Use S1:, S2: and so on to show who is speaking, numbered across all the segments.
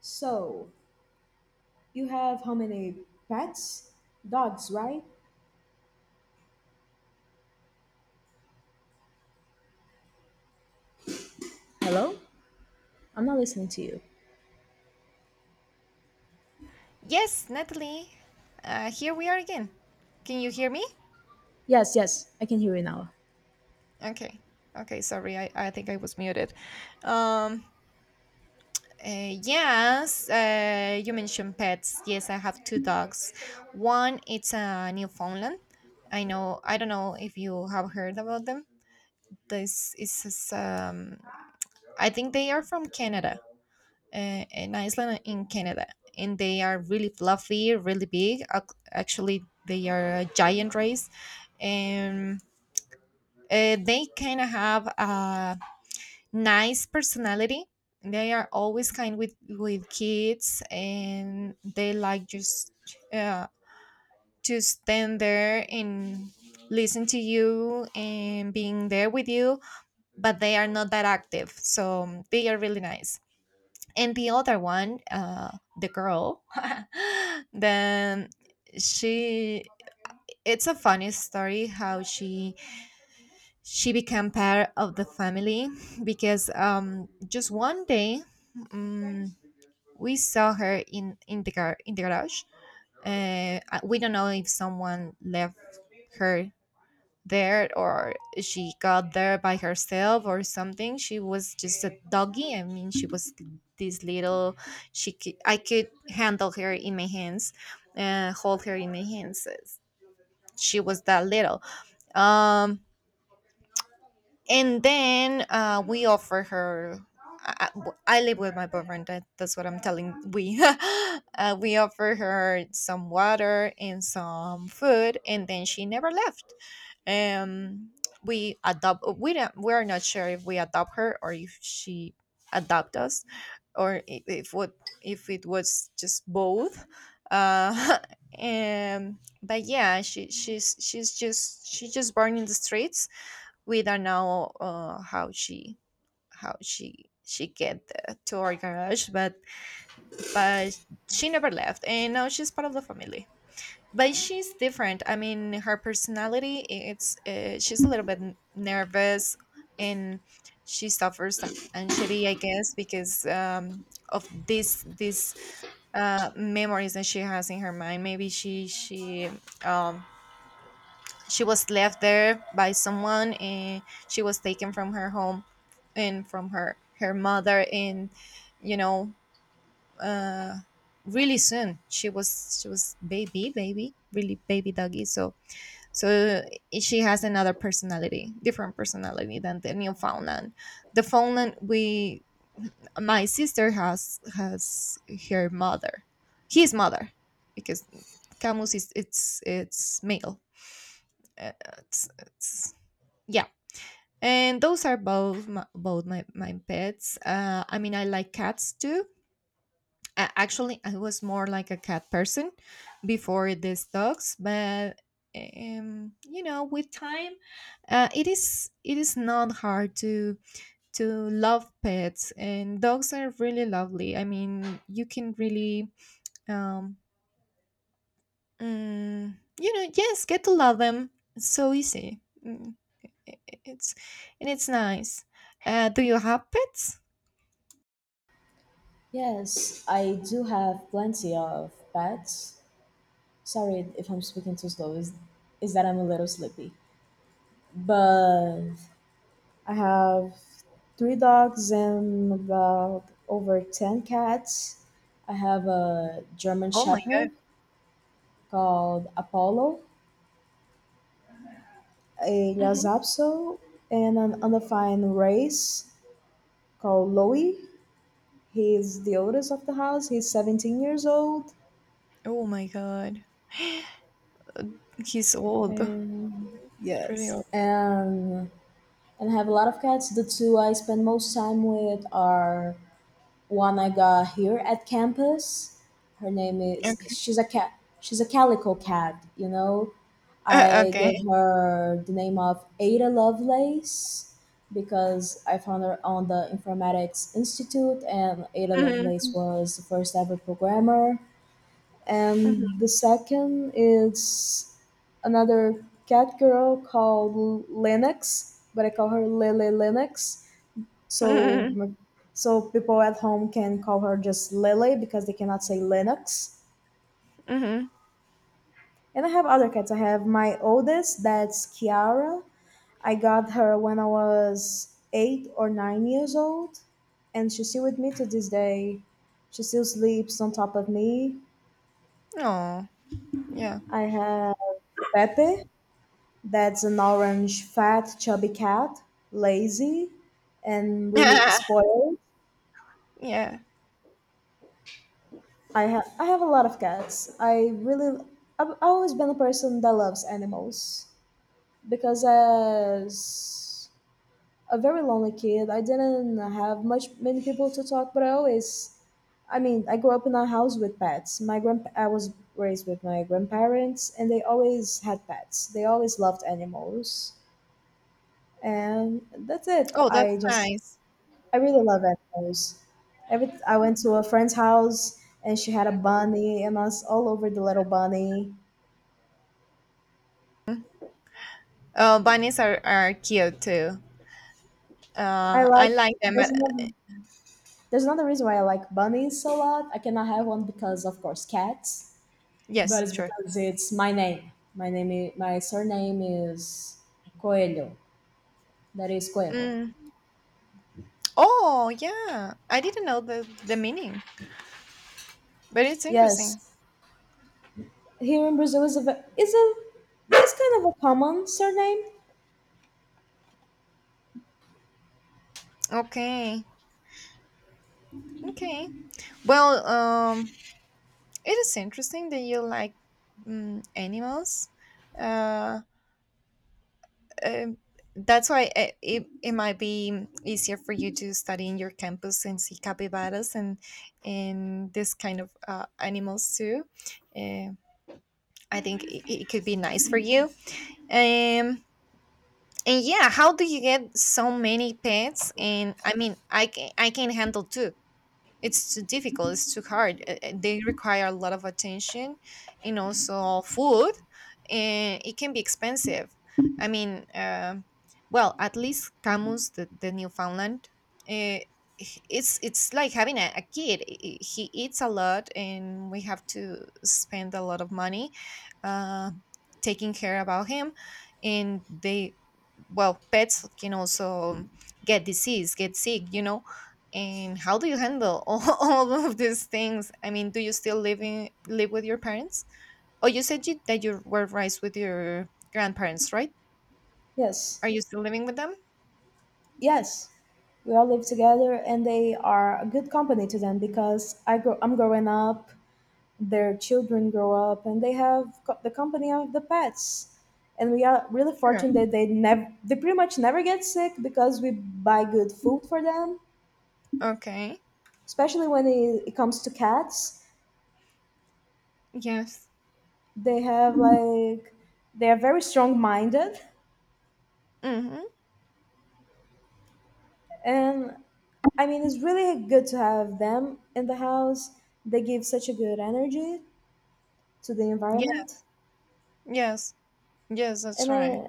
S1: So, you have how many pets? Dogs, right? Hello? I'm not listening to you.
S2: Yes, Natalie. Here we are again. Can you hear me?
S1: Yes, I can hear you now.
S2: Okay. Okay. Sorry, I think I was muted. Um. Yes. You mentioned pets. Yes, I have two dogs. One, it's a Newfoundland. I know. I don't know if you have heard about them. This is. I think they are from Canada. In Iceland and in Canada, and they are really fluffy, really big. Actually, they are a giant race, and they kind of have a nice personality. They are always kind with kids, and they like just uh, to stand there and listen to you and being there with you. But they are not that active, so they are really nice, and the other one the girl then she, it's a funny story how she became part of the family, because just one day, um, we saw her in the garage. We don't know if someone left her there, or she got there by herself or something. She was just a doggy, I mean she was this little, I could handle her in my hands, hold her in my hands, she was that little um and then, we offer her, I live with my boyfriend, that's what I'm telling we we offer her some water and some food, and then she never left um we adopt, we don't, we are not sure if we adopt her, or if she adopt us, or if what, if it was just both. uh but yeah, she just born in the streets. We don't know how she, how she get to our garage, but she never left, and now she's part of the family. But she's different, I mean her personality, it's she's a little bit nervous, and she suffers anxiety, I guess, because of this these memories that she has in her mind. Maybe um she was left there by someone, and she was taken from her home and from her mother, and you know, uh really soon she was baby baby really baby doggy, so, so she has another personality, different personality than the Newfoundland. The Newfoundland, we my sister has her mother, his mother, because Camus is it's male. Uh, it's Yeah, and those are both my, both my pets. I mean, I like cats too. Actually, I was more like a cat person before these dogs, but you know, with time, it is, it is not hard to love pets, and dogs are really lovely. I mean, you can really, um, you know, yes, get to love them, it's so easy. Mm. It's, and it's nice. Do you have pets?
S1: Yes, I do have plenty of pets. Sorry if I'm speaking too slow, is that I'm a little sleepy. But I have three dogs and about over 10 cats. I have a German
S2: Oh my god.
S1: Shepherd called Apollo, a
S2: Mhm.
S1: Lhasapso, and an undefined race called Loey. He's the oldest of the house. He's 17 years old.
S2: Oh my god, he's old.
S1: And
S2: He's really
S1: yes.
S2: old.
S1: And I have a lot of cats. The two I spend most time with are one I got here at campus. Her name is
S2: Okay.
S1: she's a cat. She's a calico cat. You know, I
S2: Okay.
S1: gave her the name of Ada Lovelace because I found her on the Informatics Institute, and Ada
S2: Mm-hmm.
S1: Lovelace was the first ever programmer. And the second is another cat girl called Linux, but I call her Lily Linux, so,
S2: Mm-hmm.
S1: m- so people at home can call her just Lily because they cannot say Linux.
S2: Mm-hmm.
S1: And I have other cats. I have my oldest, that's Kiara. I got her when I was 8 or 9 years old, and she's still with me to this day. She still sleeps on top of me.
S2: Oh, yeah.
S1: I have Pepe, that's an orange, fat, chubby cat, lazy and really spoiled.
S2: Yeah.
S1: I have a lot of cats. I've always been a person that loves animals because as a very lonely kid, I didn't have much many people to talk, but I mean, I grew up in a house with pets. My grand I was raised with my grandparents and they always had pets. They always loved animals. And that's it.
S2: Oh, that's nice.
S1: I really love animals. Every I went to a friend's house and she had a bunny and I was all over the little bunny.
S2: Oh, bunnies are cute too.
S1: I
S2: I
S1: like
S2: like them,
S1: there's
S2: but
S1: another there's another reason why I like bunnies a lot. I cannot have one because of course cats, but
S2: yes,
S1: it's
S2: sure.
S1: because it's my name. My surname is Coelho. That is Coelho.
S2: Mm. Oh, yeah. I didn't know the meaning, but it's interesting.
S1: Yes, here in Brazil is a is kind of a common surname.
S2: Okay. Okay. Well, it is interesting that you like, animals. Uh, um, that's why it might be easier for you to study in your campus and see capybaras, and this kind of animals too. Uh, I think it could be nice for you. Um, and yeah, how do you get so many pets? And I mean, I can handle two, it's too difficult, it's too hard. They require a lot of attention, and also food, and it can be expensive. I mean, well, at least Camus, the Newfoundland, uh, it's like having a, kid. He eats a lot, and we have to spend a lot of money uh, taking care about him. And they, well, pets can also get disease, get sick, you know. And how do you handle all, all of these things? I mean, do you still live with your parents? Oh, you said that you were raised with your grandparents, right?
S1: Yes.
S2: Are you still living with them?
S1: Yes, we all live together, and they are a good company to them because I'm growing up, their children grow up, and they have the company of the pets. And we are really
S2: Sure.
S1: fortunate that they pretty much never get sick because we buy good food for them.
S2: Okay.
S1: Especially when it comes to cats,
S2: Yes.
S1: they have like they are very strong-minded,
S2: Mm-hmm.
S1: and I mean it's really good to have them in the house. They give such a good energy to the
S2: Yeah.
S1: environment.
S2: Yes. Yes, that's
S1: And
S2: right.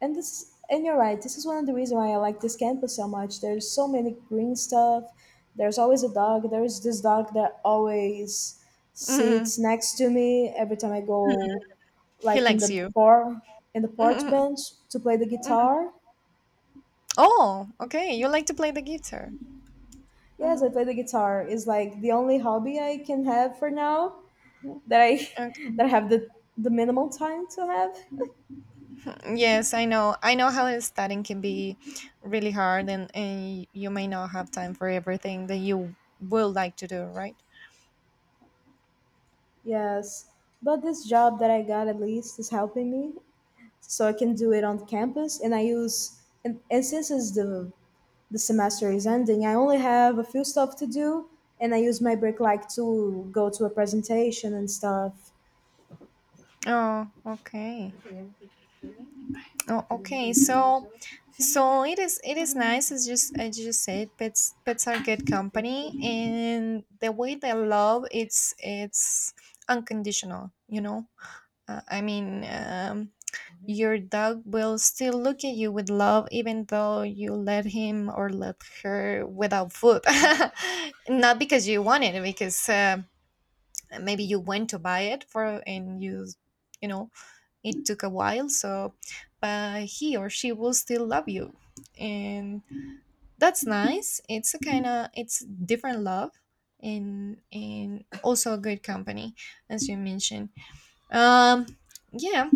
S1: and this and you're right, this is one of the reasons why I like this campus so much. There's so many green stuff. There's always a dog. There's this dog that always
S2: Hmm.
S1: sits next to me every time I go,
S2: He
S1: like in the
S2: likes you.
S1: bar, in the porch
S2: Mhm.
S1: bench, to play the
S2: Mhm.
S1: guitar.
S2: Oh, okay. You like to play the guitar.
S1: Yes, I
S2: Mhm.
S1: play the guitar. It's like the only hobby I can have for now, that I
S2: Okay.
S1: that I have the minimal time to have.
S2: Yes, I know. I know how studying can be really hard, and you may not have time for everything that you would like to do, right?
S1: Yes, but this job that I got at least is helping me, so I can do it on campus. And I use and since it's the semester is ending, I only have a few stuff to do, and I use my break like to go to a presentation and stuff.
S2: Oh, okay. Oh, okay. So, it is. It is nice. It's just as you said, pets. Pets are good company, and the way they love, it's unconditional. You know. I mean, your dog will still look at you with love, even though you let him or let her without food. Not because you want it, because maybe you went to buy it for and you, it took a while. So, but he or she will still love you, and that's nice. It's a kind of it's different love, and also a good company, as you mentioned. Um, yeah,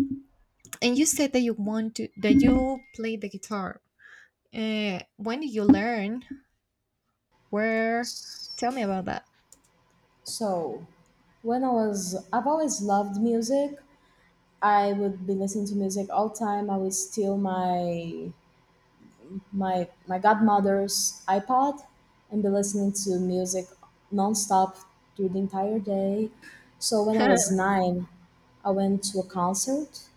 S2: and you said that you want to that you play the guitar. When did you learn? Where? Tell me about that.
S1: So I've always loved music. I would be listening to music all the time. I would steal my godmother's iPod and be listening to music nonstop through the entire day. So when I was nine, I went to a concert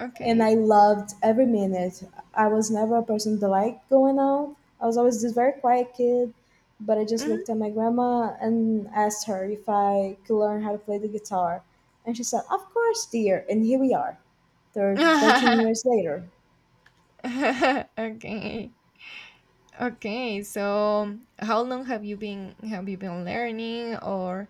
S1: and
S2: Okay.
S1: I loved every minute. I was never a person that liked going out. I was always this very quiet kid, but I just looked at my grandma and asked her if I could learn how to play the guitar. And she said, "Of course, dear." And here we are, 13
S2: Mhm.
S1: years later.
S2: Okay. Okay. So, how long have you been learning, or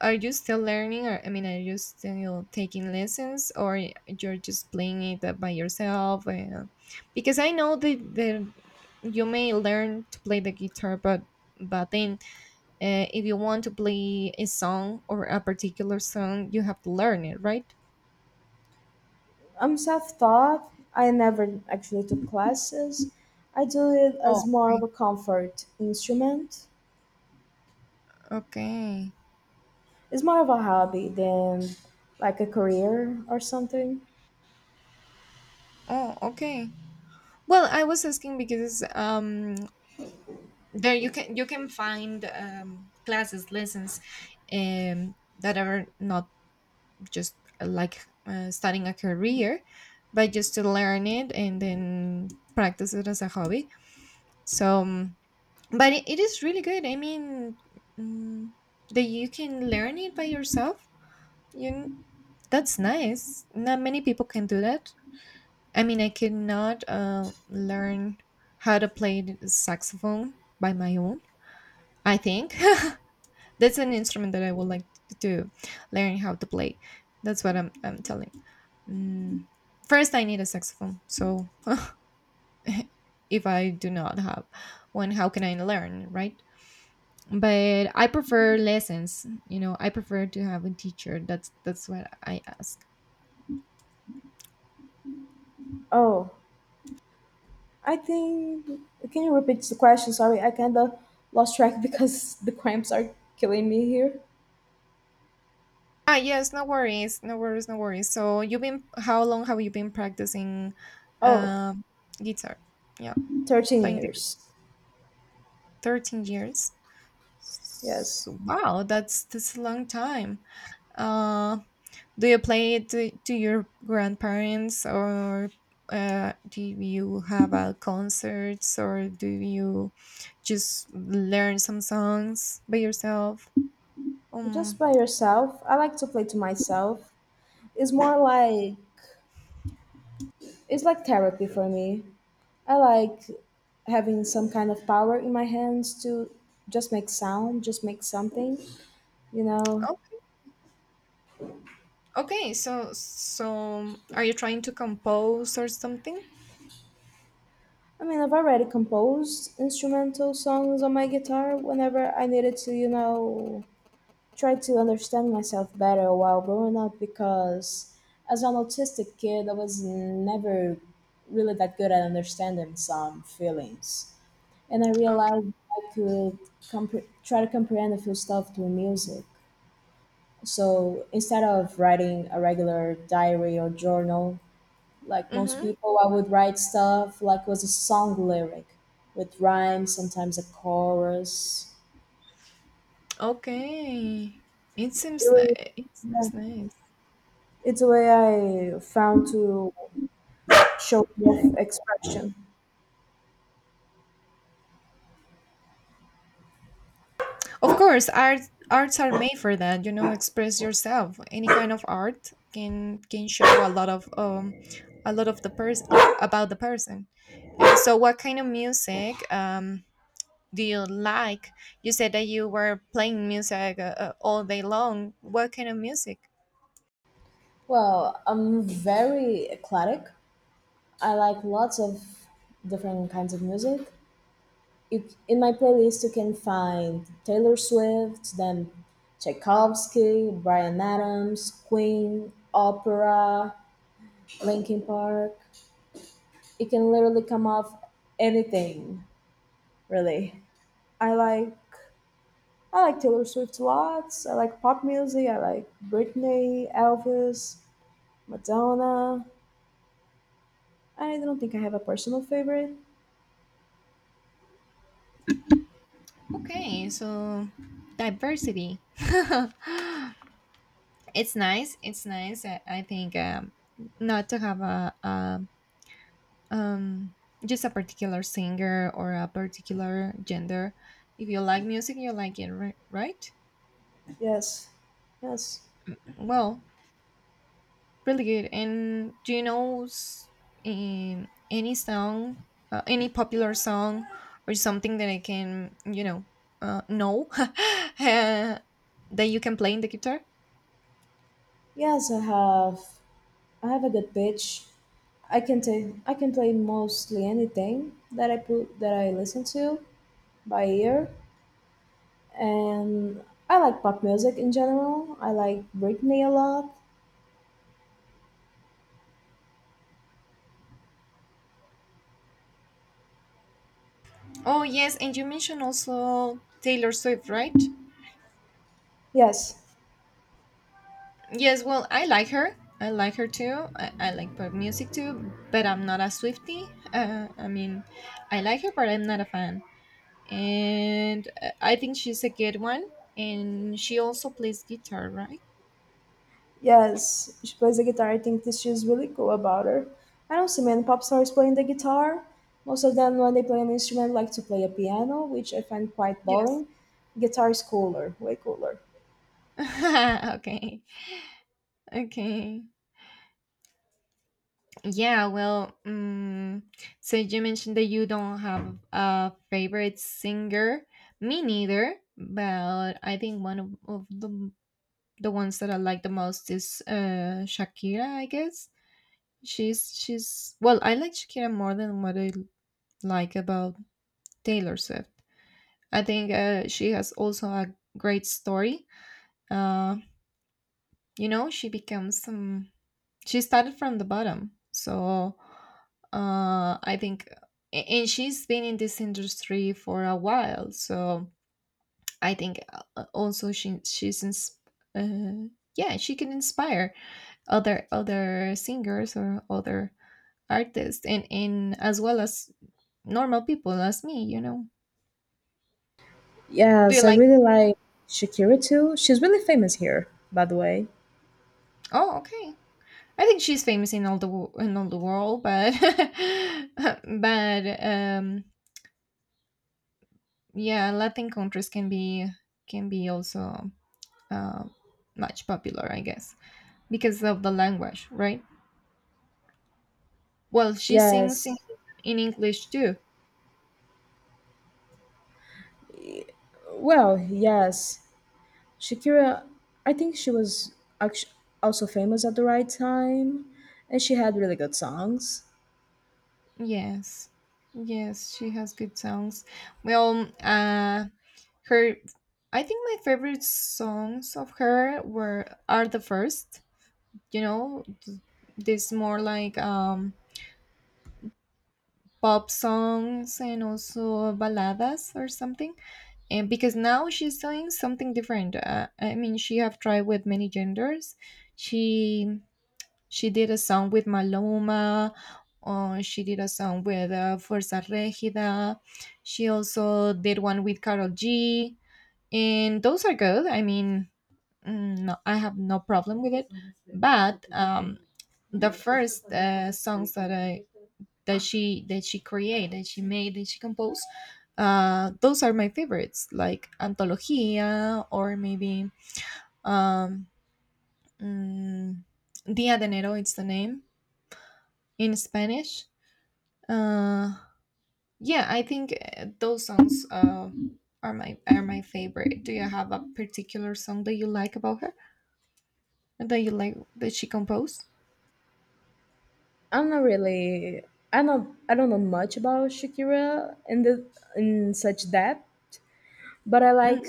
S2: are you still learning? Or I mean, are you still taking lessons, or you're just playing it by yourself? Because I know that you may learn to play the guitar, but then, if you want to play a song or a particular song, you have to learn it, right?
S1: I'm self-taught. I never actually took classes. I do it
S2: Oh,
S1: as more of
S2: okay.
S1: a comfort instrument.
S2: Okay.
S1: It's more of a hobby than like a career or something.
S2: Oh, okay. Well, I was asking because there you can, find, classes, lessons, um that are not just like, starting a career, but just to learn it and then practice it as a hobby. So, but it is really good. I mean, mm, that you can learn it by yourself. You, kn- that's nice. Not many people can do that. I mean, I could not learn how to play the saxophone by my own. I think that's an instrument that I would like to learn how to play. That's what I'm telling. Mm. First, I need a saxophone. So, if I do not have one, how can I learn, right? But I prefer lessons. You know, I prefer to have a teacher. That's what I ask.
S1: Oh, I think, can you repeat the question? Sorry, I kind of lost track because the cramps are killing me here.
S2: Ah, yes, no worries, no worries, no worries. So how long have you been practicing
S1: Oh,
S2: um guitar? Yeah,
S1: 13
S2: playing the
S1: years.
S2: 13 years.
S1: Yes.
S2: So, wow, that's a long time. Uh, do you play it to your grandparents, or do you have concerts, or do you just learn some songs by yourself?
S1: Just
S2: Um,
S1: by yourself. I like to play to myself. It's more like it's like therapy for me. I like having some kind of power in my hands to just make sound, just make something, you know.
S2: oh. Okay, so are you trying to compose or something?
S1: I mean, I've already composed instrumental songs on my guitar whenever I needed to, you know, try to understand myself better while growing up because as an autistic kid, I was never really that good at understanding some feelings. And I
S2: Okay.
S1: realized I could try to comprehend a few stuff through music. So instead of writing a regular diary or journal, like most
S2: Mm-hmm.
S1: people, I would write stuff like was a song lyric with rhymes, sometimes a chorus.
S2: Okay. It
S1: It
S2: seems
S1: was,
S2: it
S1: yeah,
S2: seems nice.
S1: it's a way I found to show off expression.
S2: Of course, arts are made for that, you know, express yourself. Any kind of art can show a lot of the person, about the person. So what kind of music, do you like? You said that you were playing music, all day long. What kind of music?
S1: Well, I'm very eclectic. I like lots of different kinds of music. In my playlist you can find Taylor Swift, then Tchaikovsky, Bryan Adams, Queen, opera, Linkin Park. It can literally come off anything, really. I like I like Taylor Swift lots. I like pop music. I like Britney, Elvis, Madonna. I don't think I have a personal favorite.
S2: Okay, so diversity. It's nice. It's nice. I think, not to have a, um, just a particular singer or a particular gender. If you like music, you like it, right?
S1: Yes, yes,
S2: Well, really good. And do you know, any song, any popular song, or something that I can, know, that you can play in the guitar?
S1: yes. I have a good pitch. I can play mostly anything that I put that I listen to by ear, and I like pop music in general. I like Britney a lot.
S2: Oh, yes, and you mentioned also Taylor Swift, right?
S1: Yes,
S2: Yes, well, I like her. I like her too. I like pop music too, but I'm not a Swiftie. I mean, I like her, but I'm not a fan. And I think she's a good one. And she also plays guitar, right?
S1: yes, she plays the guitar. I think this is really cool about her. I don't see many pop stars playing the guitar. Most of them, when they play an instrument, like to play a piano, which I find quite
S2: Yes.
S1: boring. Guitar is cooler, way cooler.
S2: Okay. Okay. Yeah, well, so you mentioned that you don't have a favorite singer. Me neither, but I think one of the ones that I like the most is Shakira, I guess. She's Well, I like Shakira more than what I like about Taylor Swift. I think she has also a great story. Uh, you know, she becomes some she started from the bottom, so I think, and she's been in this industry for a while, so I think, also she's uh, yeah, she can inspire other, singers or other artists, and as well as normal people as me, you know. Do you
S1: Yes, I
S2: like,
S1: really like Shakira too. She's really famous here, by the way.
S2: oh, okay, I think she's famous in all the world, but but yeah, Latin countries can be, also uh, much popular, I guess, because of the language, right? Well, she sings in,
S1: Yes.
S2: in English too.
S1: Well, yes. Shakira, I think she was actu also famous at the right time, and she had really good songs.
S2: Yes. Yes, she has good songs. Well, her, I think my favorite songs of her were are the first, you know, this more like, pop songs, and also baladas or something. And because now she's doing something different, I mean, she have tried with many genders, she she did a song with Maloma, or she did a song with Fuerza Regida. She also did one with Carol G. And those are good. I mean, no, I have no problem with it. But the first songs that I that she create that she made that she composed, those are my favorites, like antologia, or maybe, um mm, dia de enero, it's the name in Spanish. uh yeah, I think, those songs, are my, favorite. Do you have a particular song that you like about her, that you like that she composed?
S1: I'm not really, I not, I don't know much about Shakira in the in such depth, but I like
S2: Mm.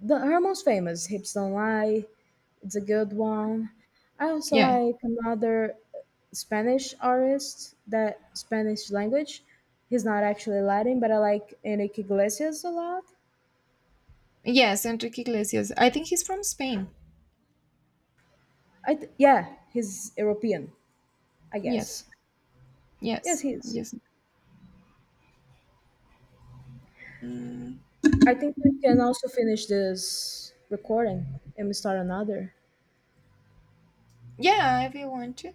S1: the her most famous "Hips Don't Lie." It's a good one. I also
S2: Yeah,
S1: like another Spanish artist, that Spanish language. He's not actually Latin, but I like Enrique Iglesias a lot.
S2: yes, Enrique Iglesias, I think he's from Spain.
S1: Yeah, he's European, I
S2: Yes.
S1: guess. Yes,
S2: Yes.
S1: he is.
S2: Yes. Mm.
S1: I think we can also finish this recording and we start another.
S2: Yeah, if you want to.